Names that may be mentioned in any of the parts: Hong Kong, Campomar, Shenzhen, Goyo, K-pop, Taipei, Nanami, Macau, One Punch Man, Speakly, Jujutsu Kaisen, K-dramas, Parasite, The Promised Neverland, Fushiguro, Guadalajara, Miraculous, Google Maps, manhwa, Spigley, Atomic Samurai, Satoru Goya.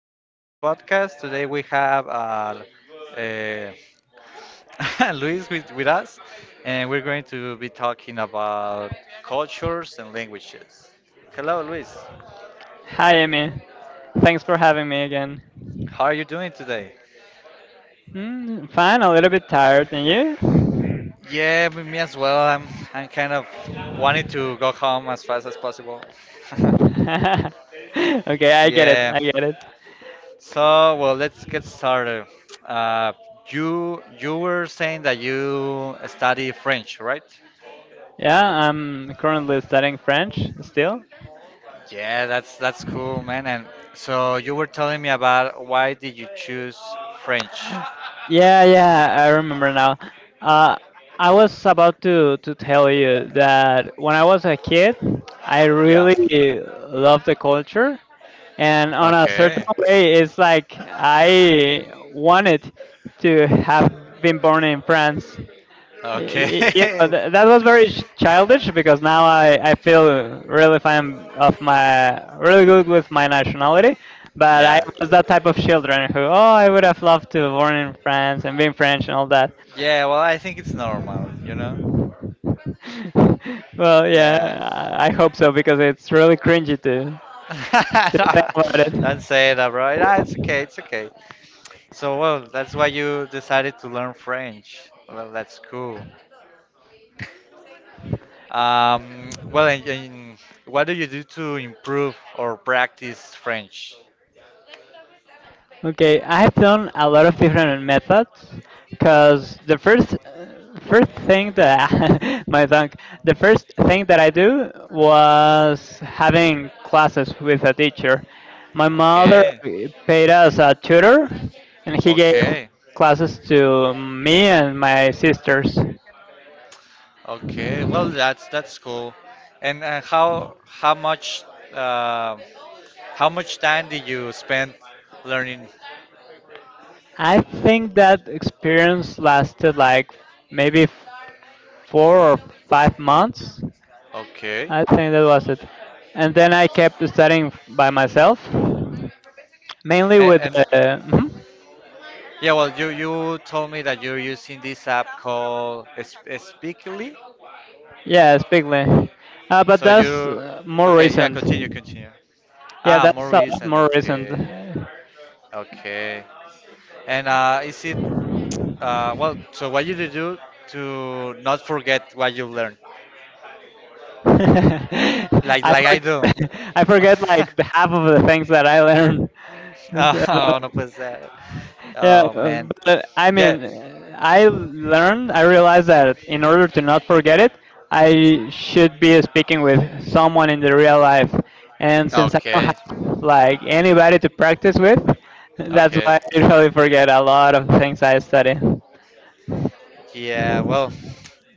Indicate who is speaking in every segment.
Speaker 1: back to this podcast. Today we have uh, Luis with us, and we're going to be talking about cultures and languages. Hello, Luis.
Speaker 2: Hi, Amy. Thanks for having me again.
Speaker 1: How are you doing today?
Speaker 2: Hmm, fine, a little bit tired, and you?
Speaker 1: Yeah, me as well. I'm kind of wanting to go home as fast as possible.
Speaker 2: Okay, I get it.
Speaker 1: Yeah.
Speaker 2: I get it.
Speaker 1: So, well, let's get started. Uh, you were saying that you study French, right?
Speaker 2: Yeah, I'm currently studying French still.
Speaker 1: Yeah, that's cool, man. And so you were telling me about why did you choose French?
Speaker 2: Yeah, I remember now. Uh, I was about to tell you that when I was a kid, I
Speaker 1: Yeah.
Speaker 2: really loved the culture, and on a certain
Speaker 1: Okay.
Speaker 2: way, it's like I wanted to have been born in France.
Speaker 1: Okay.
Speaker 2: That was very childish because now I feel really fine of my really good with my nationality, but I
Speaker 1: Yeah.
Speaker 2: was that type of children who, oh, I would have loved to born in France and being French and all that.
Speaker 1: Yeah, well, I think it's normal, you know?
Speaker 2: Well, yeah,
Speaker 1: Yeah.
Speaker 2: I hope so because it's really cringy to
Speaker 1: No,
Speaker 2: think about it.
Speaker 1: don't say that, bro. Nah, it's okay, it's okay. So, well, that's why you decided to learn French. Well, that's cool. Well, and what do you do to improve or practice French?
Speaker 2: Okay, I've done a lot of different methods because the first first thing that I- my tongue, the first thing that I do was having classes with a teacher. My mother
Speaker 1: Okay.
Speaker 2: paid us a tutor, and he gave
Speaker 1: Okay.
Speaker 2: classes to me and my sisters.
Speaker 1: Okay. Well, that's cool. And uh, how much time did you spend learning?
Speaker 2: I think that experience lasted like maybe 4 or 5 months.
Speaker 1: Okay.
Speaker 2: I think that was it. And then I kept studying by myself, mainly
Speaker 1: And,
Speaker 2: with.
Speaker 1: and
Speaker 2: Mhm.
Speaker 1: yeah, well, you told me that you're using this app called Speakly.
Speaker 2: Yeah, Spigley. But
Speaker 1: So
Speaker 2: that's
Speaker 1: you
Speaker 2: more
Speaker 1: Okay? Yeah,
Speaker 2: recent.
Speaker 1: continue, continue.
Speaker 2: Yeah,
Speaker 1: Ah, more
Speaker 2: that's a lot
Speaker 1: recent.
Speaker 2: more recent.
Speaker 1: Okay. Okay. And is it well? So what you do to not forget what you learned? Like,
Speaker 2: I
Speaker 1: like I do.
Speaker 2: forget, I forget like the half of the things that I learned. So,
Speaker 1: Oh, no puede ser.
Speaker 2: yeah,
Speaker 1: Oh, man.
Speaker 2: but I
Speaker 1: Yeah.
Speaker 2: mean, I learned, I realized that in order to not forget it, I should be speaking with someone in the real life. And since I don't
Speaker 1: Okay.
Speaker 2: have like anybody to practice with, that's
Speaker 1: Okay.
Speaker 2: why I usually forget a lot of things I study.
Speaker 1: Yeah, well,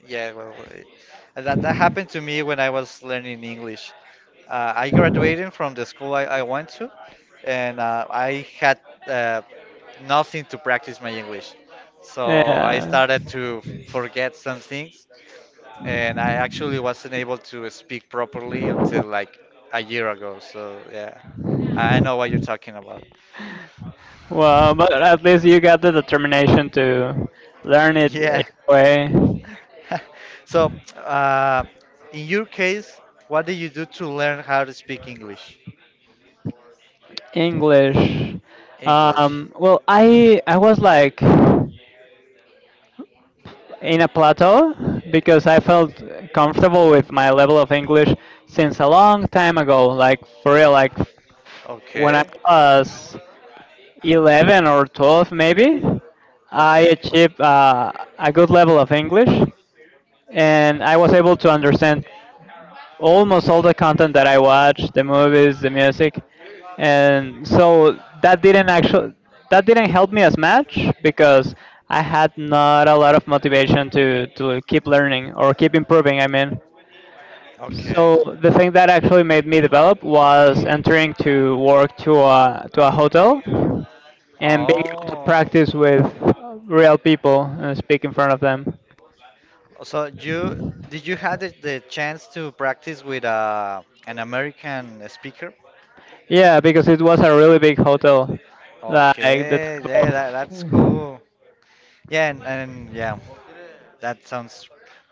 Speaker 1: yeah, well, that happened to me when I was learning English. I graduated from the school I went to, and I had uh, nothing to practice my English. So I
Speaker 2: Yeah.
Speaker 1: started to forget some things, and I actually wasn't able to speak properly until like a year ago. So yeah, I know what you're talking about.
Speaker 2: Well, but at least you got the determination to learn it
Speaker 1: Yeah.
Speaker 2: anyway.
Speaker 1: So, in your case, what did you do to learn how to speak English?
Speaker 2: English.
Speaker 1: English.
Speaker 2: Well, I was like in a plateau because I felt comfortable with my level of English since a long time ago. Like for real, like when I
Speaker 1: Okay.
Speaker 2: was 11 or 12 maybe, I
Speaker 1: Okay.
Speaker 2: achieved a good level of English and I was able to understand almost all the content that I watched, the movies, the music, and so that didn't actually that didn't help me as much because I had not a lot of motivation to keep learning or keep improving. I mean,
Speaker 1: Okay.
Speaker 2: so the thing that actually made me develop was entering to work to a hotel and being able to
Speaker 1: Oh.
Speaker 2: practice with real people and speak in front of them.
Speaker 1: So you Did you had the chance to practice with an American speaker?
Speaker 2: Yeah, because it was a really big hotel. Like the
Speaker 1: Okay.
Speaker 2: type
Speaker 1: Yeah, that's
Speaker 2: of
Speaker 1: cool. Yeah, and yeah, that sounds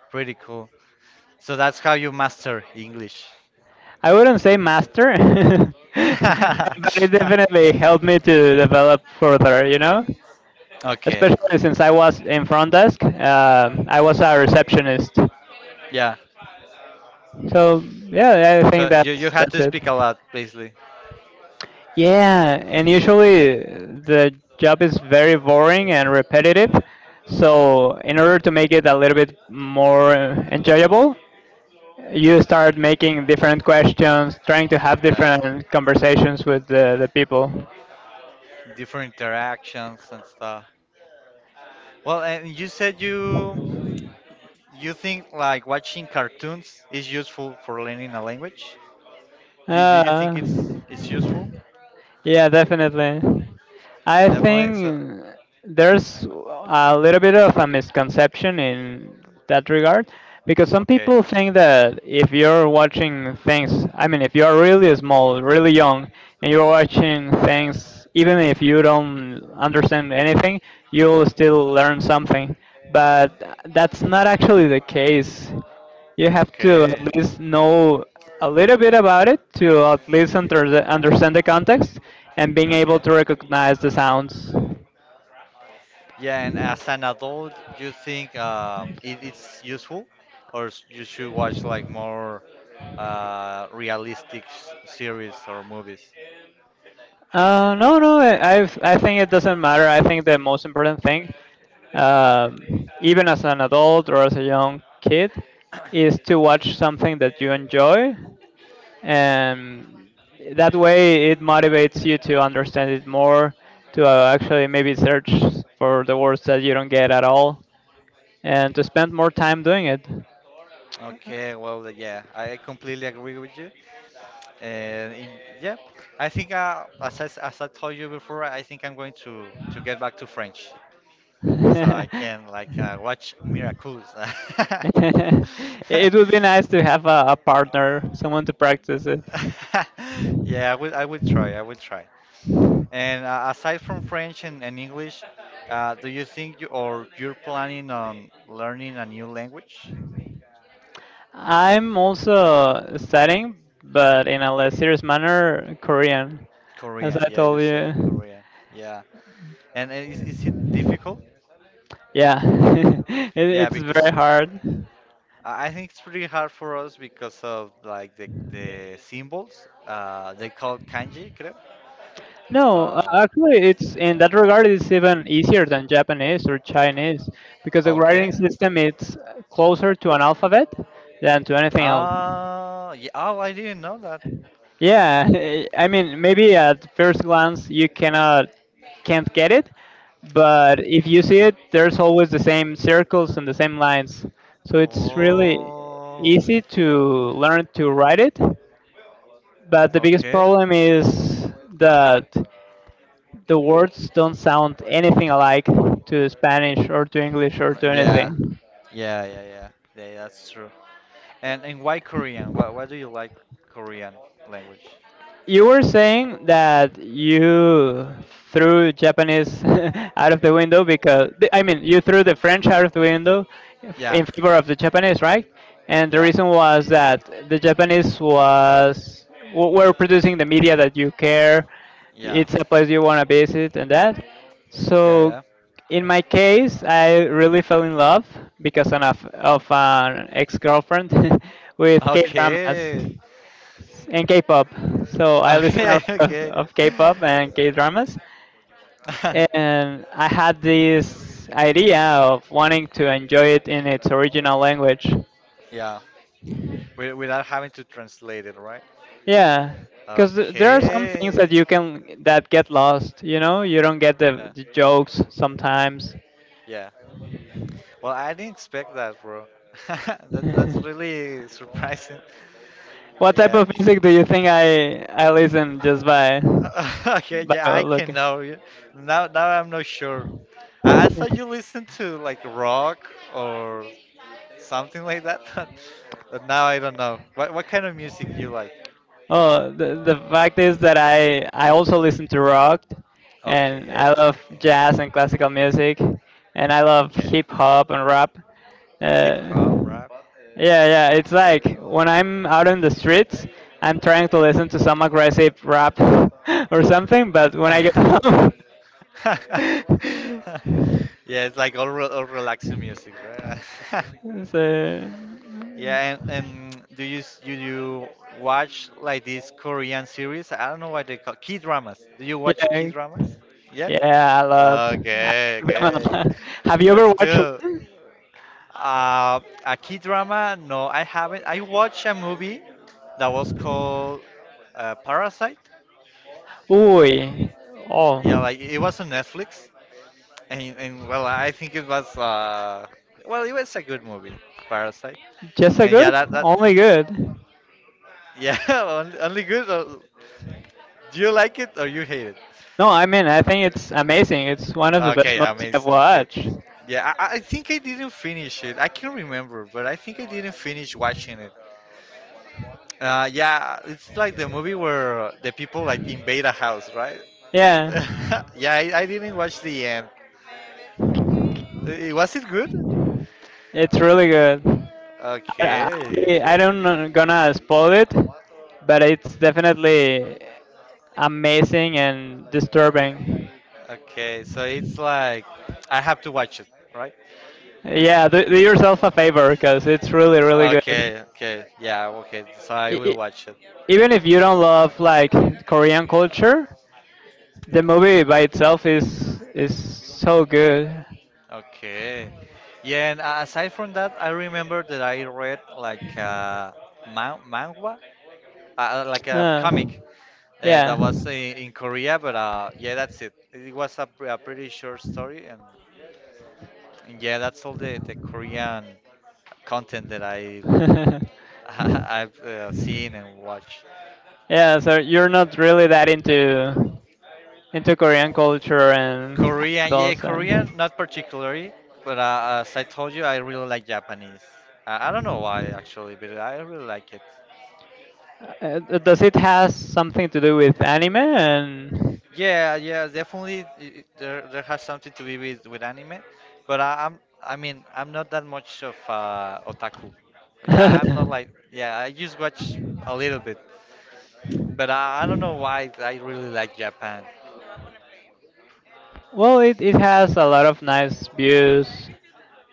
Speaker 1: pretty cool. So that's how you master English.
Speaker 2: I wouldn't say master, but it definitely helped me to develop further, you know?
Speaker 1: Okay.
Speaker 2: Especially since I was in front desk, I was a receptionist.
Speaker 1: Yeah.
Speaker 2: So yeah, I think
Speaker 1: So you had
Speaker 2: that's
Speaker 1: to
Speaker 2: it.
Speaker 1: speak a lot, basically.
Speaker 2: Yeah, and usually the job is very boring and repetitive. So in order to make it a little bit more enjoyable, you start making different questions, trying to have
Speaker 1: Yeah.
Speaker 2: different conversations with the people.
Speaker 1: Different interactions and stuff. Well, and you said you think like watching cartoons is useful for learning a language? Do you
Speaker 2: Uh,
Speaker 1: think it's useful?
Speaker 2: Yeah, definitely. I
Speaker 1: Definitely. So
Speaker 2: think there's a little bit of a misconception in that regard because some
Speaker 1: okay.
Speaker 2: people think that if you're watching things, I mean, if you're really small, really young, and you're watching things, even if you don't understand anything, you'll still learn something. But that's not actually the case. You have to at
Speaker 1: Okay.
Speaker 2: least know a little bit about it to at least under the, understand the context and being able
Speaker 1: Okay.
Speaker 2: to recognize the sounds.
Speaker 1: Yeah, and as an adult, you think it's useful, or you should watch like more realistic series or movies?
Speaker 2: No, no, I think it doesn't matter. I think the most important thing, um, even as an adult or as a young kid, is to watch something that you enjoy, and that way it motivates you to understand it more, to actually maybe search for the words that you don't get at all and to spend more time doing it.
Speaker 1: Okay, well, yeah, I completely agree with you. Yeah, I think as as I told you before, I think I'm going to get back to French, so I can like watch Miraculous.
Speaker 2: It would be nice to have a partner, someone to practice it.
Speaker 1: Yeah, I will. I will try. I will try. And aside from French and English, do you think you or you're planning on learning a new language?
Speaker 2: I'm also studying, but in a less serious manner, Korean, as
Speaker 1: Korean,
Speaker 2: I
Speaker 1: yeah, you
Speaker 2: told
Speaker 1: say
Speaker 2: you.
Speaker 1: Korean, yeah. And is it difficult?
Speaker 2: Yeah,
Speaker 1: Yeah,
Speaker 2: it's
Speaker 1: because
Speaker 2: very hard.
Speaker 1: I think it's pretty hard for us because of like the symbols. They call kanji, creo.
Speaker 2: No,
Speaker 1: Uh,
Speaker 2: actually, it's in that regard, it's even easier than Japanese or Chinese because the writing
Speaker 1: okay.
Speaker 2: system is closer to an alphabet than to anything else.
Speaker 1: Ah, yeah. Oh, I didn't know that.
Speaker 2: Yeah, I mean, maybe at first glance you cannot can't get it, but if you see it, there's always the same circles and the same lines. So it's really
Speaker 1: Oh,
Speaker 2: easy to learn to write it, but the biggest
Speaker 1: okay.
Speaker 2: problem is that the words don't sound anything alike to Spanish or to English or to
Speaker 1: Yeah,
Speaker 2: anything.
Speaker 1: yeah, yeah, yeah. Yeah, yeah, that's true. And why Korean? Why do you like Korean language?
Speaker 2: You were saying that you threw Japanese out of the window because the- I mean you threw the French out of the window
Speaker 1: Yeah,
Speaker 2: in favor of the Japanese, right? And the
Speaker 1: yeah,
Speaker 2: reason was that the Japanese was were producing the media that you care.
Speaker 1: yeah,
Speaker 2: It's a place you want to visit and that.
Speaker 1: yeah,
Speaker 2: So
Speaker 1: yeah.
Speaker 2: in my case, I really fell in love because of an ex-girlfriend with K-dramas
Speaker 1: Okay,
Speaker 2: and K-pop. So I listen a
Speaker 1: okay,
Speaker 2: lot of,
Speaker 1: okay.
Speaker 2: of K-pop and K-dramas, and I had this idea of wanting to enjoy it in its original language.
Speaker 1: Yeah, without having to translate it, right?
Speaker 2: Yeah, because there are some things that
Speaker 1: Okay.
Speaker 2: you can that get lost. You know, you don't get
Speaker 1: Yeah,
Speaker 2: the jokes sometimes.
Speaker 1: yeah. Well, I didn't expect that, bro. That's really surprising.
Speaker 2: What type
Speaker 1: Yeah.
Speaker 2: of music do you think I listen just
Speaker 1: Uh, okay,
Speaker 2: by
Speaker 1: yeah, I
Speaker 2: look?
Speaker 1: can know. Yeah. Now I'm not sure. I thought you listened to like rock or something like that, but now I don't know. What kind of music do you like?
Speaker 2: Oh, the fact is that I also listen to rock, and
Speaker 1: Okay,
Speaker 2: I love
Speaker 1: okay,
Speaker 2: jazz and classical music, and I love
Speaker 1: okay.
Speaker 2: hip hop and rap.
Speaker 1: Hip
Speaker 2: Uh,
Speaker 1: hop, rap.
Speaker 2: yeah, yeah, it's
Speaker 1: Yeah.
Speaker 2: like when I'm out in the streets, I'm trying to listen to some aggressive rap or something, but when I get home.
Speaker 1: Yeah, it's like all relaxing music, right?
Speaker 2: It's a,
Speaker 1: Yeah, and do do you watch like these Korean series? I don't know what they call key dramas. Do you watch key
Speaker 2: yeah,
Speaker 1: dramas? Yeah.
Speaker 2: yeah, a lot. I
Speaker 1: Okay,
Speaker 2: remember- a
Speaker 1: okay,
Speaker 2: lot. Have you ever
Speaker 1: that's
Speaker 2: watched
Speaker 1: cool.
Speaker 2: one?
Speaker 1: Uh, a key drama? No, I haven't. I watched a movie that was called Parasite.
Speaker 2: Uy, oh,
Speaker 1: Yeah, like it was on Netflix, and well, I think it was well, it was a good movie, Parasite.
Speaker 2: just a
Speaker 1: And yeah,
Speaker 2: good,
Speaker 1: that that
Speaker 2: only good.
Speaker 1: yeah, only good. Do you like it or you hate it?
Speaker 2: No, I mean I think it's amazing. It's one of the best
Speaker 1: Okay,
Speaker 2: movies I've
Speaker 1: amazing. Okay.
Speaker 2: watched.
Speaker 1: Yeah, I think I didn't finish it. I can't remember, but I think I didn't finish watching it. Yeah, it's like the movie where the people like invade a house, right?
Speaker 2: Yeah.
Speaker 1: Yeah, I didn't watch the end. Was it good?
Speaker 2: It's really good. I,
Speaker 1: Okay,
Speaker 2: I I
Speaker 1: okay.
Speaker 2: don't know- gonna spoil it, but it's definitely amazing and disturbing.
Speaker 1: Okay, so it's like I have to watch it, right?
Speaker 2: Yeah, do, do yourself a favor because it's really really good.
Speaker 1: Okay, okay. Yeah, okay. So I
Speaker 2: E-
Speaker 1: will
Speaker 2: e-
Speaker 1: watch it.
Speaker 2: Even if you don't love like Korean culture, the movie by itself is so good.
Speaker 1: Okay. Yeah, and aside from that, I remember that I read like manhwa, like a
Speaker 2: Ah,
Speaker 1: comic
Speaker 2: yeah.
Speaker 1: that was in Korea, but yeah, that's it. It was a pretty short story, and yeah, that's all the Korean content that I've I've seen and watched.
Speaker 2: Yeah, so you're not really that into Korean culture and
Speaker 1: Korean, yeah,
Speaker 2: idols and
Speaker 1: Korean, not particularly, but as I told you, I really like Japanese. I don't know why actually, but I really like it.
Speaker 2: uh, does it has something to do with anime and
Speaker 1: Yeah, yeah, definitely. There has something to be with anime, but I mean, I'm not that much of otaku. Yeah, I'm not like, yeah, I just watch a little bit, but I don't know why I really like Japan.
Speaker 2: well, it has a lot of nice views.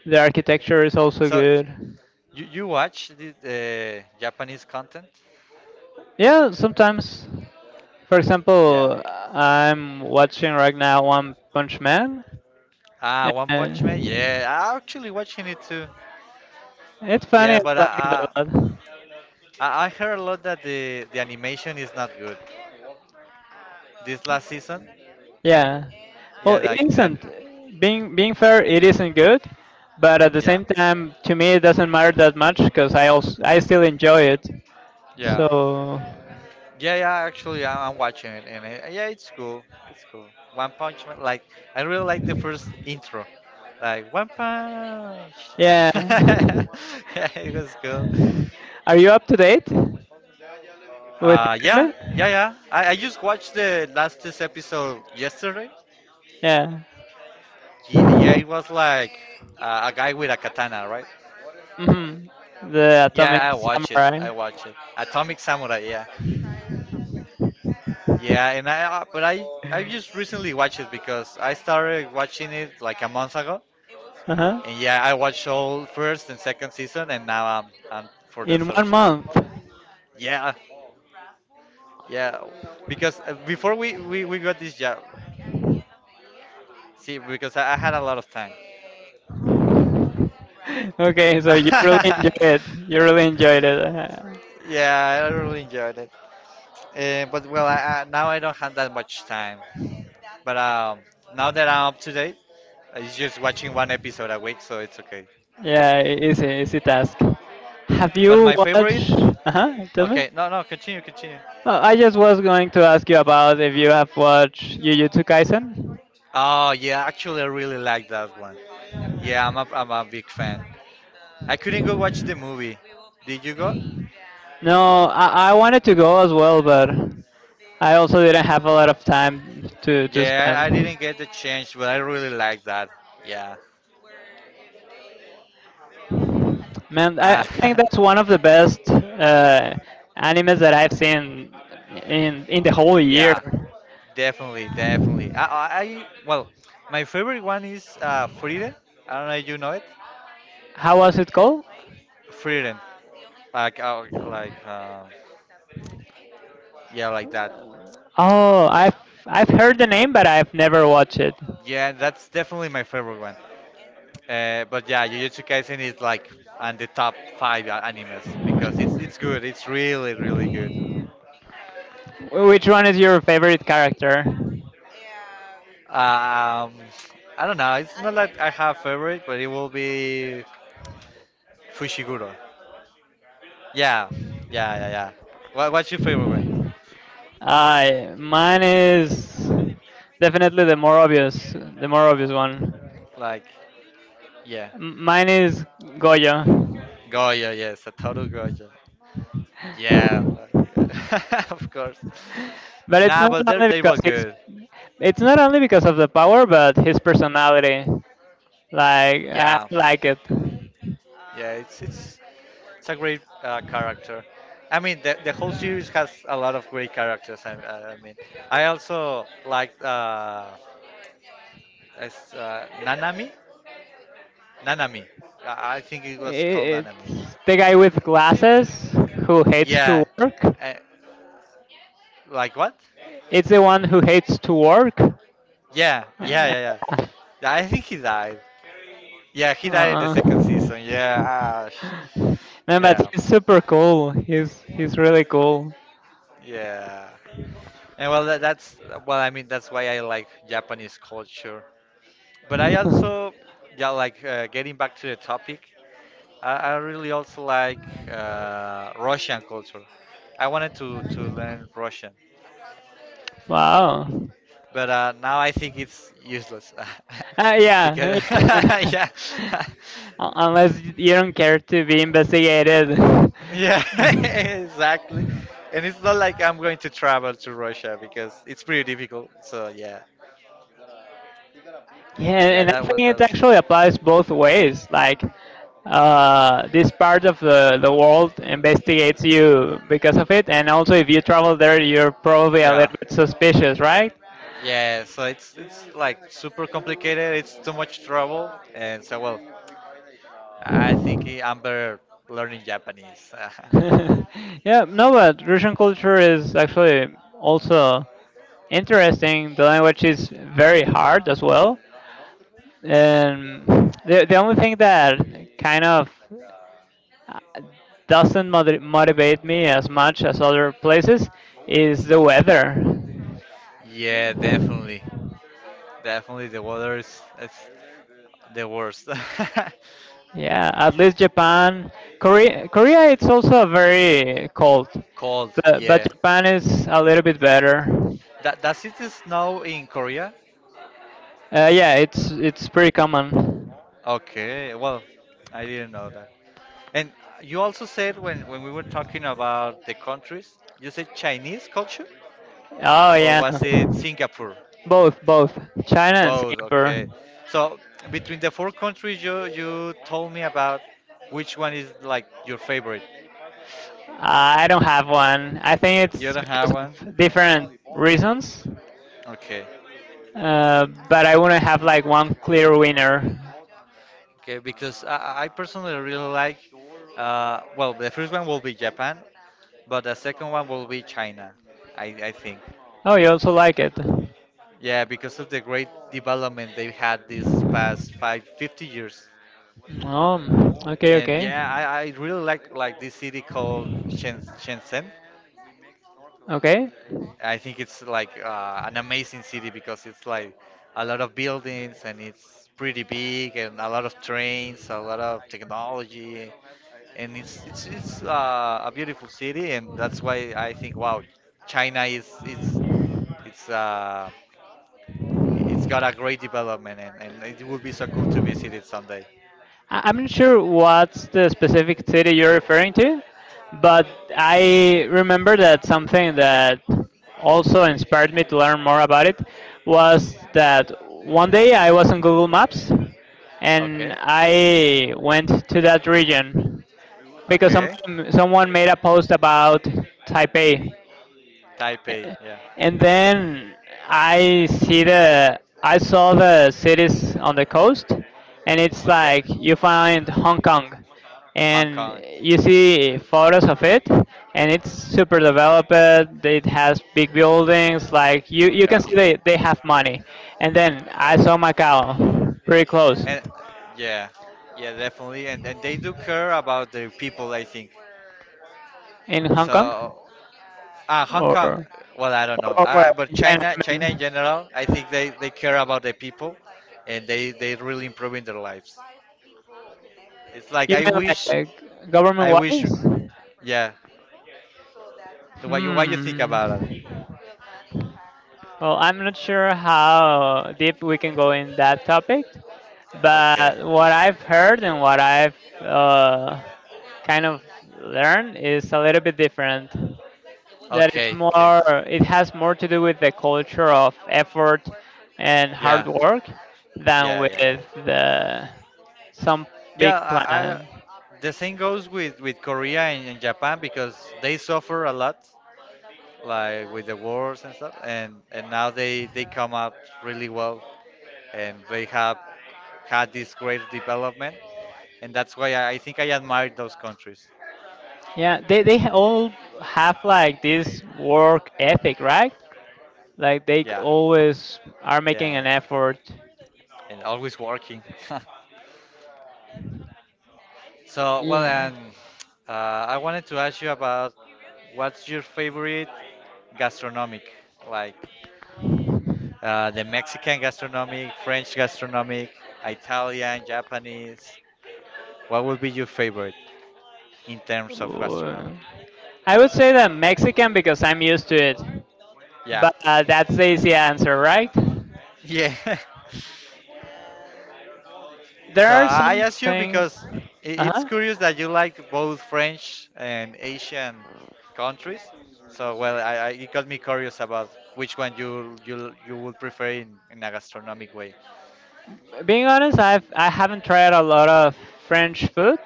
Speaker 2: The architecture is also
Speaker 1: So,
Speaker 2: good.
Speaker 1: you watch the Japanese content?
Speaker 2: Yeah, sometimes. For
Speaker 1: Yeah.
Speaker 2: example, I'm watching right now One Punch Man,
Speaker 1: Ah, One Punch Man.
Speaker 2: and
Speaker 1: Yeah, I'm actually watching it too.
Speaker 2: it's funny.
Speaker 1: Yeah,
Speaker 2: I
Speaker 1: but
Speaker 2: like it
Speaker 1: I,
Speaker 2: a lot.
Speaker 1: I, I heard a lot that the animation is not good. This last season.
Speaker 2: Yeah. Well,
Speaker 1: Yeah,
Speaker 2: it
Speaker 1: like then.
Speaker 2: isn't. Being fair, it isn't good, but at the
Speaker 1: Yeah,
Speaker 2: same time, to me, it doesn't matter that much because I also I still enjoy it.
Speaker 1: yeah,
Speaker 2: So,
Speaker 1: yeah, yeah. Actually, I'm watching it, and yeah, it's cool. It's cool. One Punch Man. Like I really like the first intro. Like One Punch.
Speaker 2: yeah.
Speaker 1: Yeah, it was cool.
Speaker 2: Are you up to date with the
Speaker 1: Yeah,
Speaker 2: anime?
Speaker 1: yeah, yeah. I just watched the last this episode yesterday.
Speaker 2: Yeah.
Speaker 1: Yeah, it was like a guy with a katana, right?
Speaker 2: Hmm. The Atomic
Speaker 1: Yeah, I watch it.
Speaker 2: Samurai.
Speaker 1: I watch it. Atomic Samurai. Yeah, yeah. But I just recently watched it because I started watching it like a month ago.
Speaker 2: Uh-huh.
Speaker 1: And yeah, I watched all first and second season, and now I'm for the
Speaker 2: In
Speaker 1: third
Speaker 2: one
Speaker 1: season.
Speaker 2: month.
Speaker 1: Yeah. Yeah, because before we got this job, see, because I had a lot of time.
Speaker 2: Okay, so you really enjoyed it. You really enjoyed it.
Speaker 1: Yeah, I really enjoyed it. But well, now I don't have that much time. But now that I'm up to date, it's just watching one episode a week, so it's okay.
Speaker 2: Yeah, e- easy, easy task. Have
Speaker 1: But
Speaker 2: you
Speaker 1: my favorite?
Speaker 2: watched? Uh-huh, tell me.
Speaker 1: Okay, no, no, continue, continue.
Speaker 2: Oh, I just was going to ask you about if you have watched Jujutsu Kaisen.
Speaker 1: Oh, yeah, actually, I really like that one. Yeah, I'm a big fan. I couldn't go watch the movie. Did you go?
Speaker 2: No, I wanted to go as well, but I also didn't have a lot of time to
Speaker 1: Yeah, I
Speaker 2: spend.
Speaker 1: I didn't get the chance, but I really like that. Yeah.
Speaker 2: Man, I
Speaker 1: Ah,
Speaker 2: think that's one of the best animes that I've seen in the whole year.
Speaker 1: definitely. I Well, my, uh-huh, favorite one is Friden. I don't know if you know it.
Speaker 2: How was it called?
Speaker 1: Friden,
Speaker 2: Oh, I've heard the name, but I've never watched it.
Speaker 1: yeah, that's definitely my favorite one. But yeah, Jujutsu Kaisen is like on the top five animes because it's good. It's really really good.
Speaker 2: Which one is your favorite character?
Speaker 1: Um, I don't know. It's not like I have favorite, but it will be Fushiguro. Yeah, yeah, yeah, yeah. What's your favorite one?
Speaker 2: Mine is definitely the more obvious one.
Speaker 1: Like, yeah,
Speaker 2: Mine is Goyo.
Speaker 1: Goya. Yes, Satoru Goya. Yeah, of course.
Speaker 2: But it's
Speaker 1: Nah,
Speaker 2: not
Speaker 1: but they
Speaker 2: only
Speaker 1: they was
Speaker 2: because he's
Speaker 1: good.
Speaker 2: it's not only because of the power but his personality like I
Speaker 1: Yeah,
Speaker 2: like it.
Speaker 1: yeah, it's a great character. I mean, the whole series has a lot of great characters. I mean, I also liked Nanami, Nanami. I think it
Speaker 2: I-
Speaker 1: was called Nanami.
Speaker 2: it's the guy with glasses who hates to
Speaker 1: Yeah,
Speaker 2: work.
Speaker 1: uh, like what?
Speaker 2: It's the one who hates to work.
Speaker 1: Yeah, yeah,
Speaker 2: Uh,
Speaker 1: yeah, yeah. Yeah, I think he died. Yeah, he died in the second
Speaker 2: uh,
Speaker 1: season. Yeah, ah,
Speaker 2: no, but
Speaker 1: yeah,
Speaker 2: he's super cool, he's really cool.
Speaker 1: yeah. And well, that, that's well, I mean, that's why I like Japanese culture. But I also, yeah, like getting back to the topic, I really also like Russian culture. I wanted to learn Russian,
Speaker 2: Wow.
Speaker 1: but now I think it's useless
Speaker 2: Yeah.
Speaker 1: because
Speaker 2: Un-
Speaker 1: yeah.
Speaker 2: Unless you don't care to be investigated.
Speaker 1: Yeah, exactly. And it's not like I'm going to travel to Russia because it's pretty difficult. So yeah,
Speaker 2: Yeah,
Speaker 1: yeah,
Speaker 2: and I
Speaker 1: that
Speaker 2: think
Speaker 1: was that
Speaker 2: it
Speaker 1: was.
Speaker 2: actually applies both ways. Like, this part of the world investigates you because of it, and also if you travel there, you're probably a
Speaker 1: Yeah.
Speaker 2: little bit suspicious, right?
Speaker 1: Yeah, so it's like super complicated. It's too much trouble, and so well, I think I'm better learning Japanese.
Speaker 2: Yeah, no, but Russian culture is actually also interesting. The language is very hard as well. And the only thing that kind of uh, doesn't motivate me as much as other places is the weather.
Speaker 1: just Yeah, definitely. I. Definitely the with weather the is weather it's everything. The worst. So I
Speaker 2: Yeah, at least Japan, Korea it's also very cold,
Speaker 1: cold, and
Speaker 2: but
Speaker 1: yeah. I
Speaker 2: Japan is
Speaker 1: stayed
Speaker 2: a little bit better.
Speaker 1: that does it snow in Korea?
Speaker 2: Yeah, it's pretty common.
Speaker 1: Okay, well, I didn't know that. And you also said when we were talking about the countries, you said Chinese culture,
Speaker 2: Oh
Speaker 1: or
Speaker 2: yeah,
Speaker 1: was it Singapore?
Speaker 2: both both China and
Speaker 1: Both.
Speaker 2: Singapore.
Speaker 1: Okay. So between the four countries, you told me about which one is like your favorite.
Speaker 2: I don't have one. I think
Speaker 1: You
Speaker 2: it's
Speaker 1: don't have
Speaker 2: because
Speaker 1: one?
Speaker 2: of different reasons.
Speaker 1: Okay.
Speaker 2: But I wouldn't have like one clear winner.
Speaker 1: Okay, because I personally really like, the first one will be Japan, but the second one will be China, I think.
Speaker 2: Oh, you also like it. But
Speaker 1: Yeah, because of the great development they've had these past 50 years.
Speaker 2: oh, okay. uh,
Speaker 1: And
Speaker 2: a
Speaker 1: yeah, I really like this city called Shenzhen. I think it's like an amazing city because it's like a lot of buildings and it's pretty big and a lot of trains, a lot of technology, and it's a beautiful city, and that's why I think wow, China is it's uh it's got a great development, and it would be so cool to visit it someday.
Speaker 2: I- I'm not sure what's the specific city you're referring to, but I remember that something that also inspired me to learn more
Speaker 1: Every 2 hours and a
Speaker 2: about it
Speaker 1: service
Speaker 2: was that one day I was on Google Maps
Speaker 1: hour.
Speaker 2: and I went to that region because someone made a post about Taipei, and then I saw the cities on the coast, and it's like you find Hong Kong,
Speaker 1: Hong
Speaker 2: and
Speaker 1: Kong.
Speaker 2: you see photos of it, and it's super developed. It has big buildings. Like you can
Speaker 1: Yeah.
Speaker 2: see they have money. And then I saw Macau, pretty close,
Speaker 1: And yeah, yeah, definitely. And they do care about their people, I think.
Speaker 2: in Hong
Speaker 1: So,
Speaker 2: Kong,
Speaker 1: ah, Hong
Speaker 2: or
Speaker 1: Kong. Well, I don't know.
Speaker 2: or
Speaker 1: But
Speaker 2: in China.
Speaker 1: China, China in general, I think they care about the people, and they really improving their lives. It's like
Speaker 2: You
Speaker 1: I
Speaker 2: mean
Speaker 1: wish.
Speaker 2: like government
Speaker 1: I wish,
Speaker 2: wise?
Speaker 1: yeah. What you think
Speaker 2: Hmm.
Speaker 1: about it?
Speaker 2: Well, I'm not sure how deep we can go in that topic,
Speaker 1: Okay.
Speaker 2: but what I've heard and what I've kind of learned is a little bit different. That it's
Speaker 1: Okay, okay.
Speaker 2: it has more to do with the culture of effort and hard
Speaker 1: Yeah.
Speaker 2: work than
Speaker 1: Yeah, yeah, yeah.
Speaker 2: with the some big
Speaker 1: Yeah, I
Speaker 2: plan.
Speaker 1: the same goes with with Korea and Japan, because they suffer a lot, like with the wars and stuff, and now they come out really well, and they have had this great development, and that's why I think I admire those countries.
Speaker 2: Yeah, they all have like this work ethic, right? Like they
Speaker 1: Yeah,
Speaker 2: always are making an
Speaker 1: yeah,
Speaker 2: effort.
Speaker 1: and always working. So well,
Speaker 2: Yeah.
Speaker 1: and I wanted to ask you about what's your favorite gastronomic, like the Mexican gastronomic, French gastronomic, Italian, Japanese. What would be your favorite in terms of gastronomic?
Speaker 2: Ooh. I would say that Mexican because I'm used to it,
Speaker 1: Yeah.
Speaker 2: but that's the easy answer, right?
Speaker 1: Yeah.
Speaker 2: There
Speaker 1: So
Speaker 2: are
Speaker 1: I
Speaker 2: some
Speaker 1: ask you because
Speaker 2: things. Uh
Speaker 1: it's
Speaker 2: huh.
Speaker 1: curious that you like both French and Asian countries. So well, I it got me curious about which one you would prefer in a gastronomic way.
Speaker 2: Being honest, I haven't tried a lot of French food.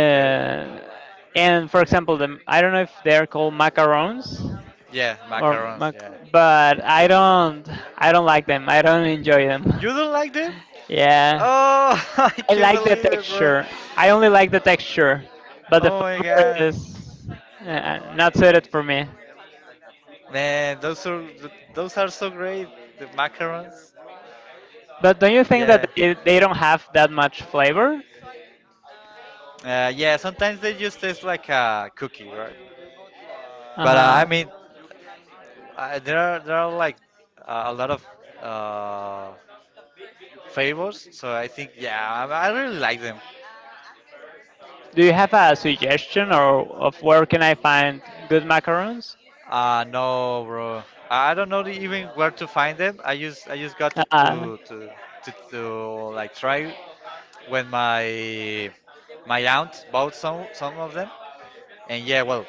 Speaker 1: Okay.
Speaker 2: and for example, the I don't know if they're called macarons
Speaker 1: Yeah,
Speaker 2: or
Speaker 1: macarons,
Speaker 2: mac,
Speaker 1: yeah.
Speaker 2: but I don't like them. I don't enjoy them.
Speaker 1: You don't like them?
Speaker 2: Yeah.
Speaker 1: Oh, I
Speaker 2: I
Speaker 1: can't
Speaker 2: like the
Speaker 1: believe it, bro.
Speaker 2: texture. I only like the texture, but the
Speaker 1: Oh my
Speaker 2: flavor
Speaker 1: god.
Speaker 2: is not suited for me.
Speaker 1: Man, those are those are so great. The macarons.
Speaker 2: But don't you think that
Speaker 1: Yeah.
Speaker 2: they don't have that much flavor?
Speaker 1: Yeah. Sometimes they just taste like a cookie, right?
Speaker 2: Uh
Speaker 1: But I
Speaker 2: huh.
Speaker 1: mean, there are there are like a lot of uh, favors. So I think, yeah, I really like them.
Speaker 2: Do you have a suggestion or of where can I find good macarons?
Speaker 1: Uh, no, bro. I don't know even where to find them. I just got to
Speaker 2: Uh,
Speaker 1: to like try when my aunt bought some of them, and yeah, well,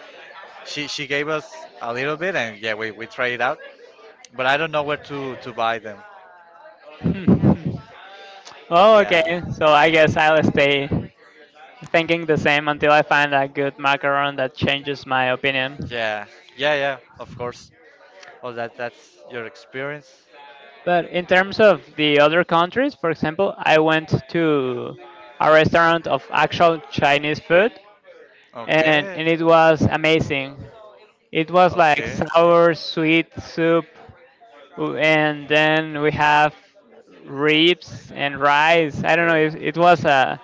Speaker 1: she gave us a little bit, and yeah, we tried it out. But I don't know where to buy them.
Speaker 2: hmm. Oh,
Speaker 1: Yeah.
Speaker 2: okay. So I guess I'll stay thinking the same until I find a good macaron that changes my opinion.
Speaker 1: Yeah. Yeah, yeah, of course. Oh, that's your experience.
Speaker 2: But in terms of the other countries, for example, I went to a restaurant of actual Chinese food,
Speaker 1: Okay.
Speaker 2: and it was amazing. It was like
Speaker 1: Okay, okay.
Speaker 2: sour, sweet soup, and then we have ribs and rice. I don't know
Speaker 1: Yeah.
Speaker 2: if it was a.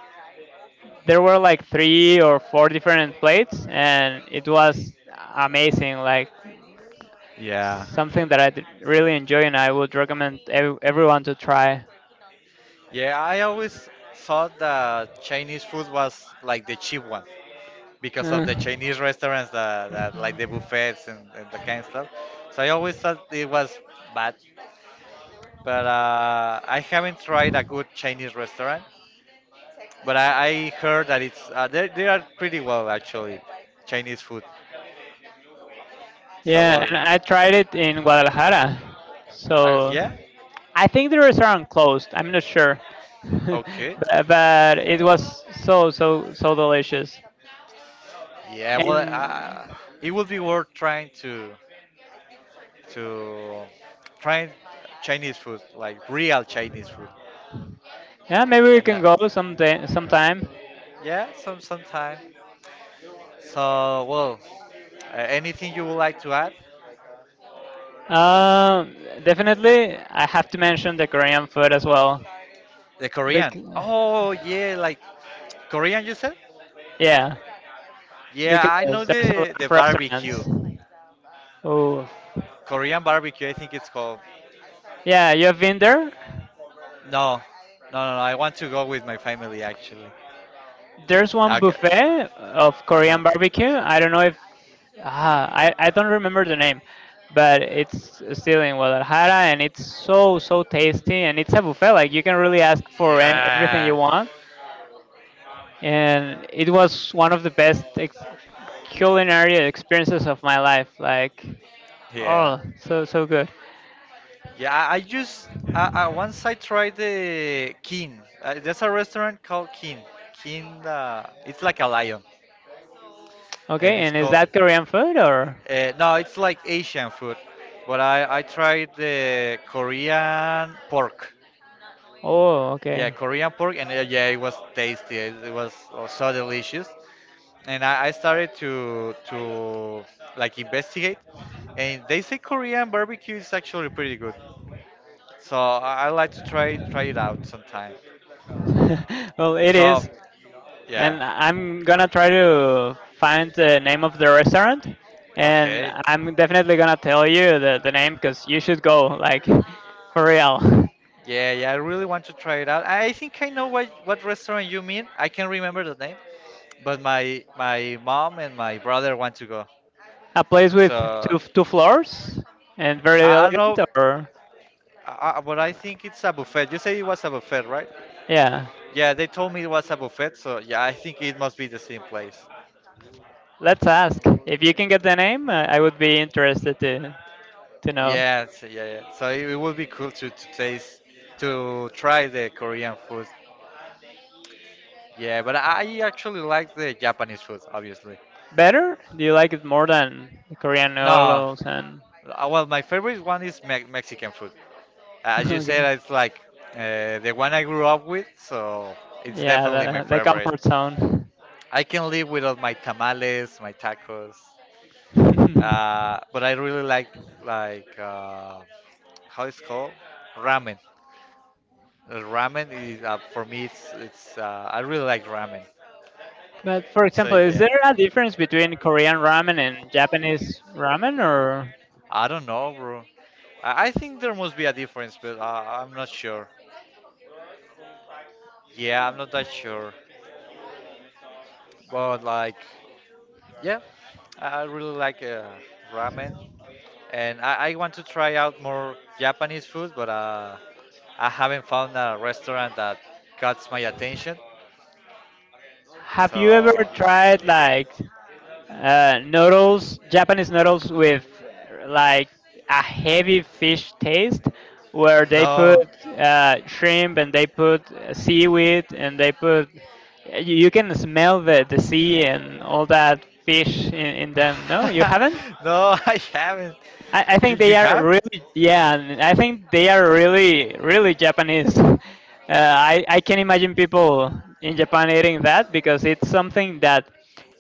Speaker 2: There were like three or four different plates, and it was amazing. Like
Speaker 1: Yeah.
Speaker 2: something that really enjoy, and I would recommend everyone to try.
Speaker 1: Yeah, I always thought that Chinese food was like the cheap one, because of
Speaker 2: Uh.
Speaker 1: the Chinese restaurants that like the buffets and the kind of stuff. So I always thought it was bad, but I haven't tried a good Chinese restaurant. But I heard that it's they are pretty well actually Chinese food. So
Speaker 2: Yeah,
Speaker 1: well,
Speaker 2: and I tried it in Guadalajara.
Speaker 1: I,
Speaker 2: So
Speaker 1: yeah,
Speaker 2: I think the restaurant closed. I'm not sure. but,
Speaker 1: okay.
Speaker 2: but it was so so so delicious.
Speaker 1: Yeah, well,
Speaker 2: And
Speaker 1: it would be worth trying to to try Chinese food, like real Chinese food,
Speaker 2: yeah, maybe we
Speaker 1: and
Speaker 2: can go someday sometime.
Speaker 1: yeah, some sometime. So, well, anything you would like to add?
Speaker 2: Um, Definitely I have to mention the Korean food as well.
Speaker 1: The Korean.
Speaker 2: Bec-
Speaker 1: Oh yeah, like Korean you said?
Speaker 2: yeah,
Speaker 1: Yeah,
Speaker 2: because
Speaker 1: I know
Speaker 2: there's a lot
Speaker 1: the
Speaker 2: of restaurants.
Speaker 1: barbecue.
Speaker 2: Oof.
Speaker 1: Korean barbecue, I think it's called.
Speaker 2: Yeah, you have been there?
Speaker 1: No, no, no, no. I want to go with my family actually.
Speaker 2: There's one
Speaker 1: Okay.
Speaker 2: buffet of
Speaker 1: Uh
Speaker 2: Korean
Speaker 1: huh.
Speaker 2: barbecue. I don't know if ah, I don't remember the name, but it's still in Guadalajara and it's so so tasty and it's a buffet like you can really ask for everything you
Speaker 1: Yeah.
Speaker 2: want, and it was one of the best culinary experiences of my life. Like
Speaker 1: Yeah.
Speaker 2: oh, so so good.
Speaker 1: Yeah, I just I once I tried the King. There's a restaurant called King. King, it's like a lion, and
Speaker 2: Okay,
Speaker 1: it's
Speaker 2: and is
Speaker 1: called.
Speaker 2: that Korean food or?
Speaker 1: No, it's like Asian food, but I tried the Korean pork.
Speaker 2: Oh,
Speaker 1: Yeah,
Speaker 2: okay.
Speaker 1: Korean pork, and yeah, it was tasty. It was oh, so delicious. And I started to like investigate, and they say Korean barbecue is actually pretty good. So I like to try it out sometime.
Speaker 2: Well, it
Speaker 1: So
Speaker 2: is.
Speaker 1: yeah,
Speaker 2: And I'm gonna try to find the name of the restaurant, and
Speaker 1: okay,
Speaker 2: I'm definitely gonna tell you the name because you should go like for real.
Speaker 1: yeah, yeah. I really want to try it out. I think I know what restaurant you mean. I can remember the name, but my mom and my brother want to go.
Speaker 2: A place with
Speaker 1: So
Speaker 2: two two floors and very
Speaker 1: I don't
Speaker 2: elegant,
Speaker 1: know,
Speaker 2: or
Speaker 1: but I think it's a buffet. You say it was a buffet, right?
Speaker 2: yeah.
Speaker 1: Yeah, they told me it was a buffet, so yeah, I think it must be the same place.
Speaker 2: Let's ask if you can get the name. I would be interested to know.
Speaker 1: Yeah, so yeah, yeah. So it would be cool to taste, to try the Korean food. Yeah, but I actually like the Japanese food, obviously.
Speaker 2: Better? Do you like it more than the Korean
Speaker 1: No,
Speaker 2: noodles and
Speaker 1: well, my favorite one is me Mexican food. As you
Speaker 2: okay?
Speaker 1: said, it's like the one I grew up with, so it's
Speaker 2: Yeah,
Speaker 1: definitely my
Speaker 2: the
Speaker 1: favorite.
Speaker 2: comfort zone.
Speaker 1: I can live without my tamales, my tacos, but I really like like. How it's called ramen. Ramen is for me. It's it's. I really like ramen.
Speaker 2: But for
Speaker 1: So
Speaker 2: example, is
Speaker 1: yeah,
Speaker 2: there a difference between Korean ramen and Japanese ramen, or
Speaker 1: I don't know, bro. I think there must be a difference, but I'm not sure. Yeah, I'm not that sure. But like, yeah, I really like ramen, and I want to try out more Japanese food, but I haven't found a restaurant that catches my attention.
Speaker 2: have
Speaker 1: So
Speaker 2: you ever tried like noodles, Japanese noodles with like a heavy fish taste, where they put
Speaker 1: no.
Speaker 2: shrimp and they put seaweed and they put you can smell the sea and all that fish in them. No, you haven't.
Speaker 1: No, I haven't.
Speaker 2: I
Speaker 1: You
Speaker 2: think they
Speaker 1: you
Speaker 2: are
Speaker 1: have?
Speaker 2: really, yeah, and I think they are really really japanese I can imagine people in japan eating that because it's something that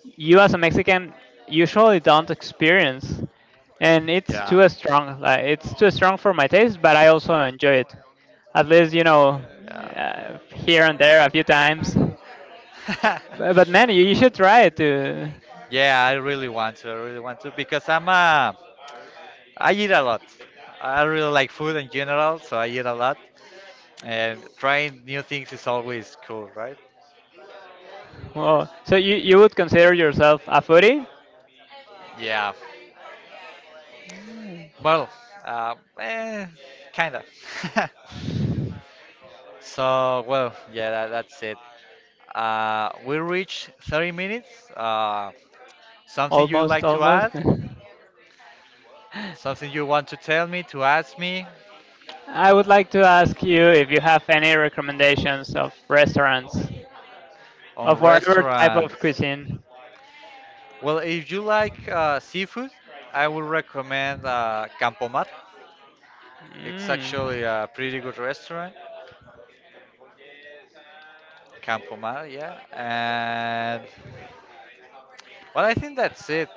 Speaker 2: you as a mexican usually don't experience, and it's
Speaker 1: Yeah.
Speaker 2: too strong, like it's too strong for my taste but I also enjoy it, at least
Speaker 1: Yeah.
Speaker 2: here and there a few times but man you should try it to.
Speaker 1: Yeah, I really want to. I really want to because I'm a I eat a lot. I really like food in general, so I eat a lot. And trying new things is always cool, right?
Speaker 2: Well so you would consider yourself a foodie.
Speaker 1: Yeah. Well, uh, eh, kinda. So, well, yeah, that's it. We reached 30 minutes. Something you
Speaker 2: Almost,
Speaker 1: like to
Speaker 2: almost.
Speaker 1: add? Something you want to tell me, to ask me
Speaker 2: I would like to ask you if you have any recommendations of restaurants
Speaker 1: on
Speaker 2: of whatever type of
Speaker 1: restaurants?
Speaker 2: cuisine.
Speaker 1: Well, if you like seafood, I would recommend Campomar. It's
Speaker 2: Mm.
Speaker 1: actually a pretty good restaurant. Campomar, yeah. And well, I think that's it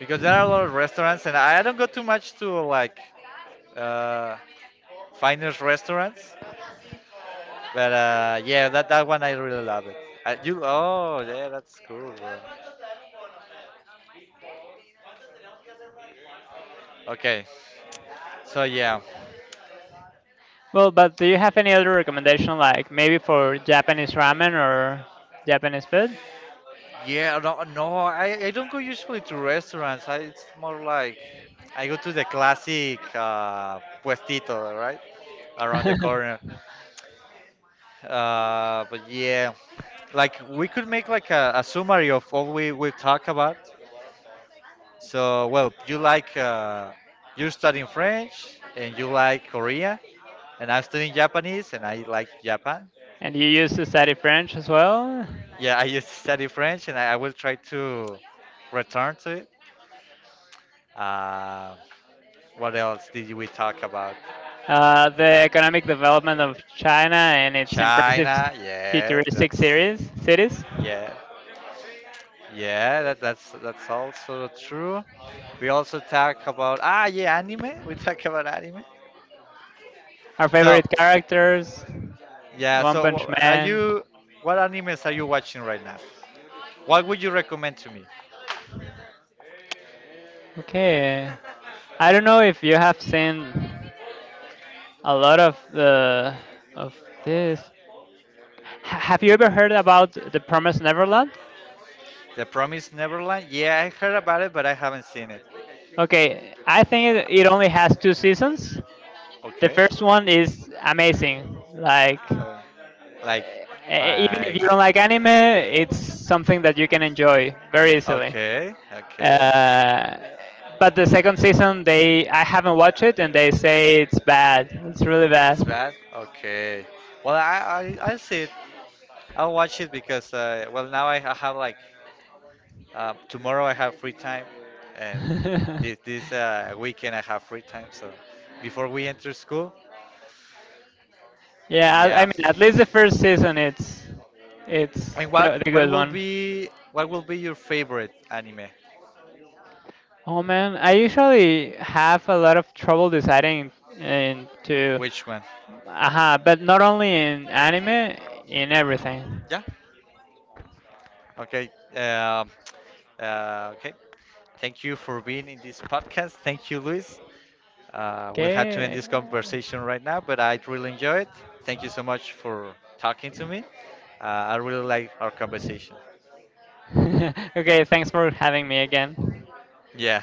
Speaker 1: because there are a lot of restaurants, and I don't go too much to like uh, finest restaurants. But yeah, that that one I really love it. You oh yeah, that's cool, bro. Okay, so yeah,
Speaker 2: Well, but do you have any other recommendation, like maybe for Japanese ramen or Japanese food?
Speaker 1: yeah, no, no, I don't go usually to restaurants. I, it's more like I go to the classic puestito, right, around the corner. But yeah, like we could make like a summary of all we talk about. So, well, you like you're studying French and you like Korea, and I'm studying Japanese and I like Japan.
Speaker 2: And you used to study French as well.
Speaker 1: Yeah, I used to study French and I will try to return to it. Uh, what else did we talk about?
Speaker 2: The economic development of China and its impressive
Speaker 1: China, yeah,
Speaker 2: futuristic
Speaker 1: that's
Speaker 2: series cities.
Speaker 1: yeah, yeah, that, that's also true. We also talk about ah yeah, anime. We talk about anime.
Speaker 2: Our
Speaker 1: So.
Speaker 2: favorite characters,
Speaker 1: Yeah,
Speaker 2: One
Speaker 1: so
Speaker 2: Punch
Speaker 1: are
Speaker 2: Man.
Speaker 1: you what animes are you watching right now? What would you recommend to me?
Speaker 2: Okay. I don't know if you have seen a lot of the of this. Have you ever heard about The Promised Neverland?
Speaker 1: The Promised Neverland? Yeah, I heard about it, but I haven't seen it.
Speaker 2: Okay, I think
Speaker 1: Uh,
Speaker 2: it only has two seasons. The
Speaker 1: Okay.
Speaker 2: first one is amazing. Like
Speaker 1: Uh, like,
Speaker 2: even if
Speaker 1: like,
Speaker 2: you don't like anime, it's something that you can enjoy very easily.
Speaker 1: okay, okay.
Speaker 2: Uh, but the second season, they I haven't watched it, and they say it's bad. It's really bad.
Speaker 1: It's bad? Okay. Well, I'll see it. I'll watch it because, well, now I have like um, tomorrow I have free time, and this weekend I have free time. So before we enter school,
Speaker 2: Yeah, I
Speaker 1: yeah.
Speaker 2: mean, at least the first season, it's
Speaker 1: And
Speaker 2: the good one.
Speaker 1: what will be your favorite anime?
Speaker 2: Oh man, I usually have a lot of trouble deciding
Speaker 1: Which one?
Speaker 2: but not only in anime, in everything.
Speaker 1: Yeah. Okay. Okay. Thank you for being in this podcast. Thank you, Luis. We'll have to end
Speaker 2: Okay.
Speaker 1: this conversation right now, but I really enjoy it. Thank you so much for talking to me. I really like our conversation.
Speaker 2: Okay, thanks for having me again.
Speaker 1: Yeah.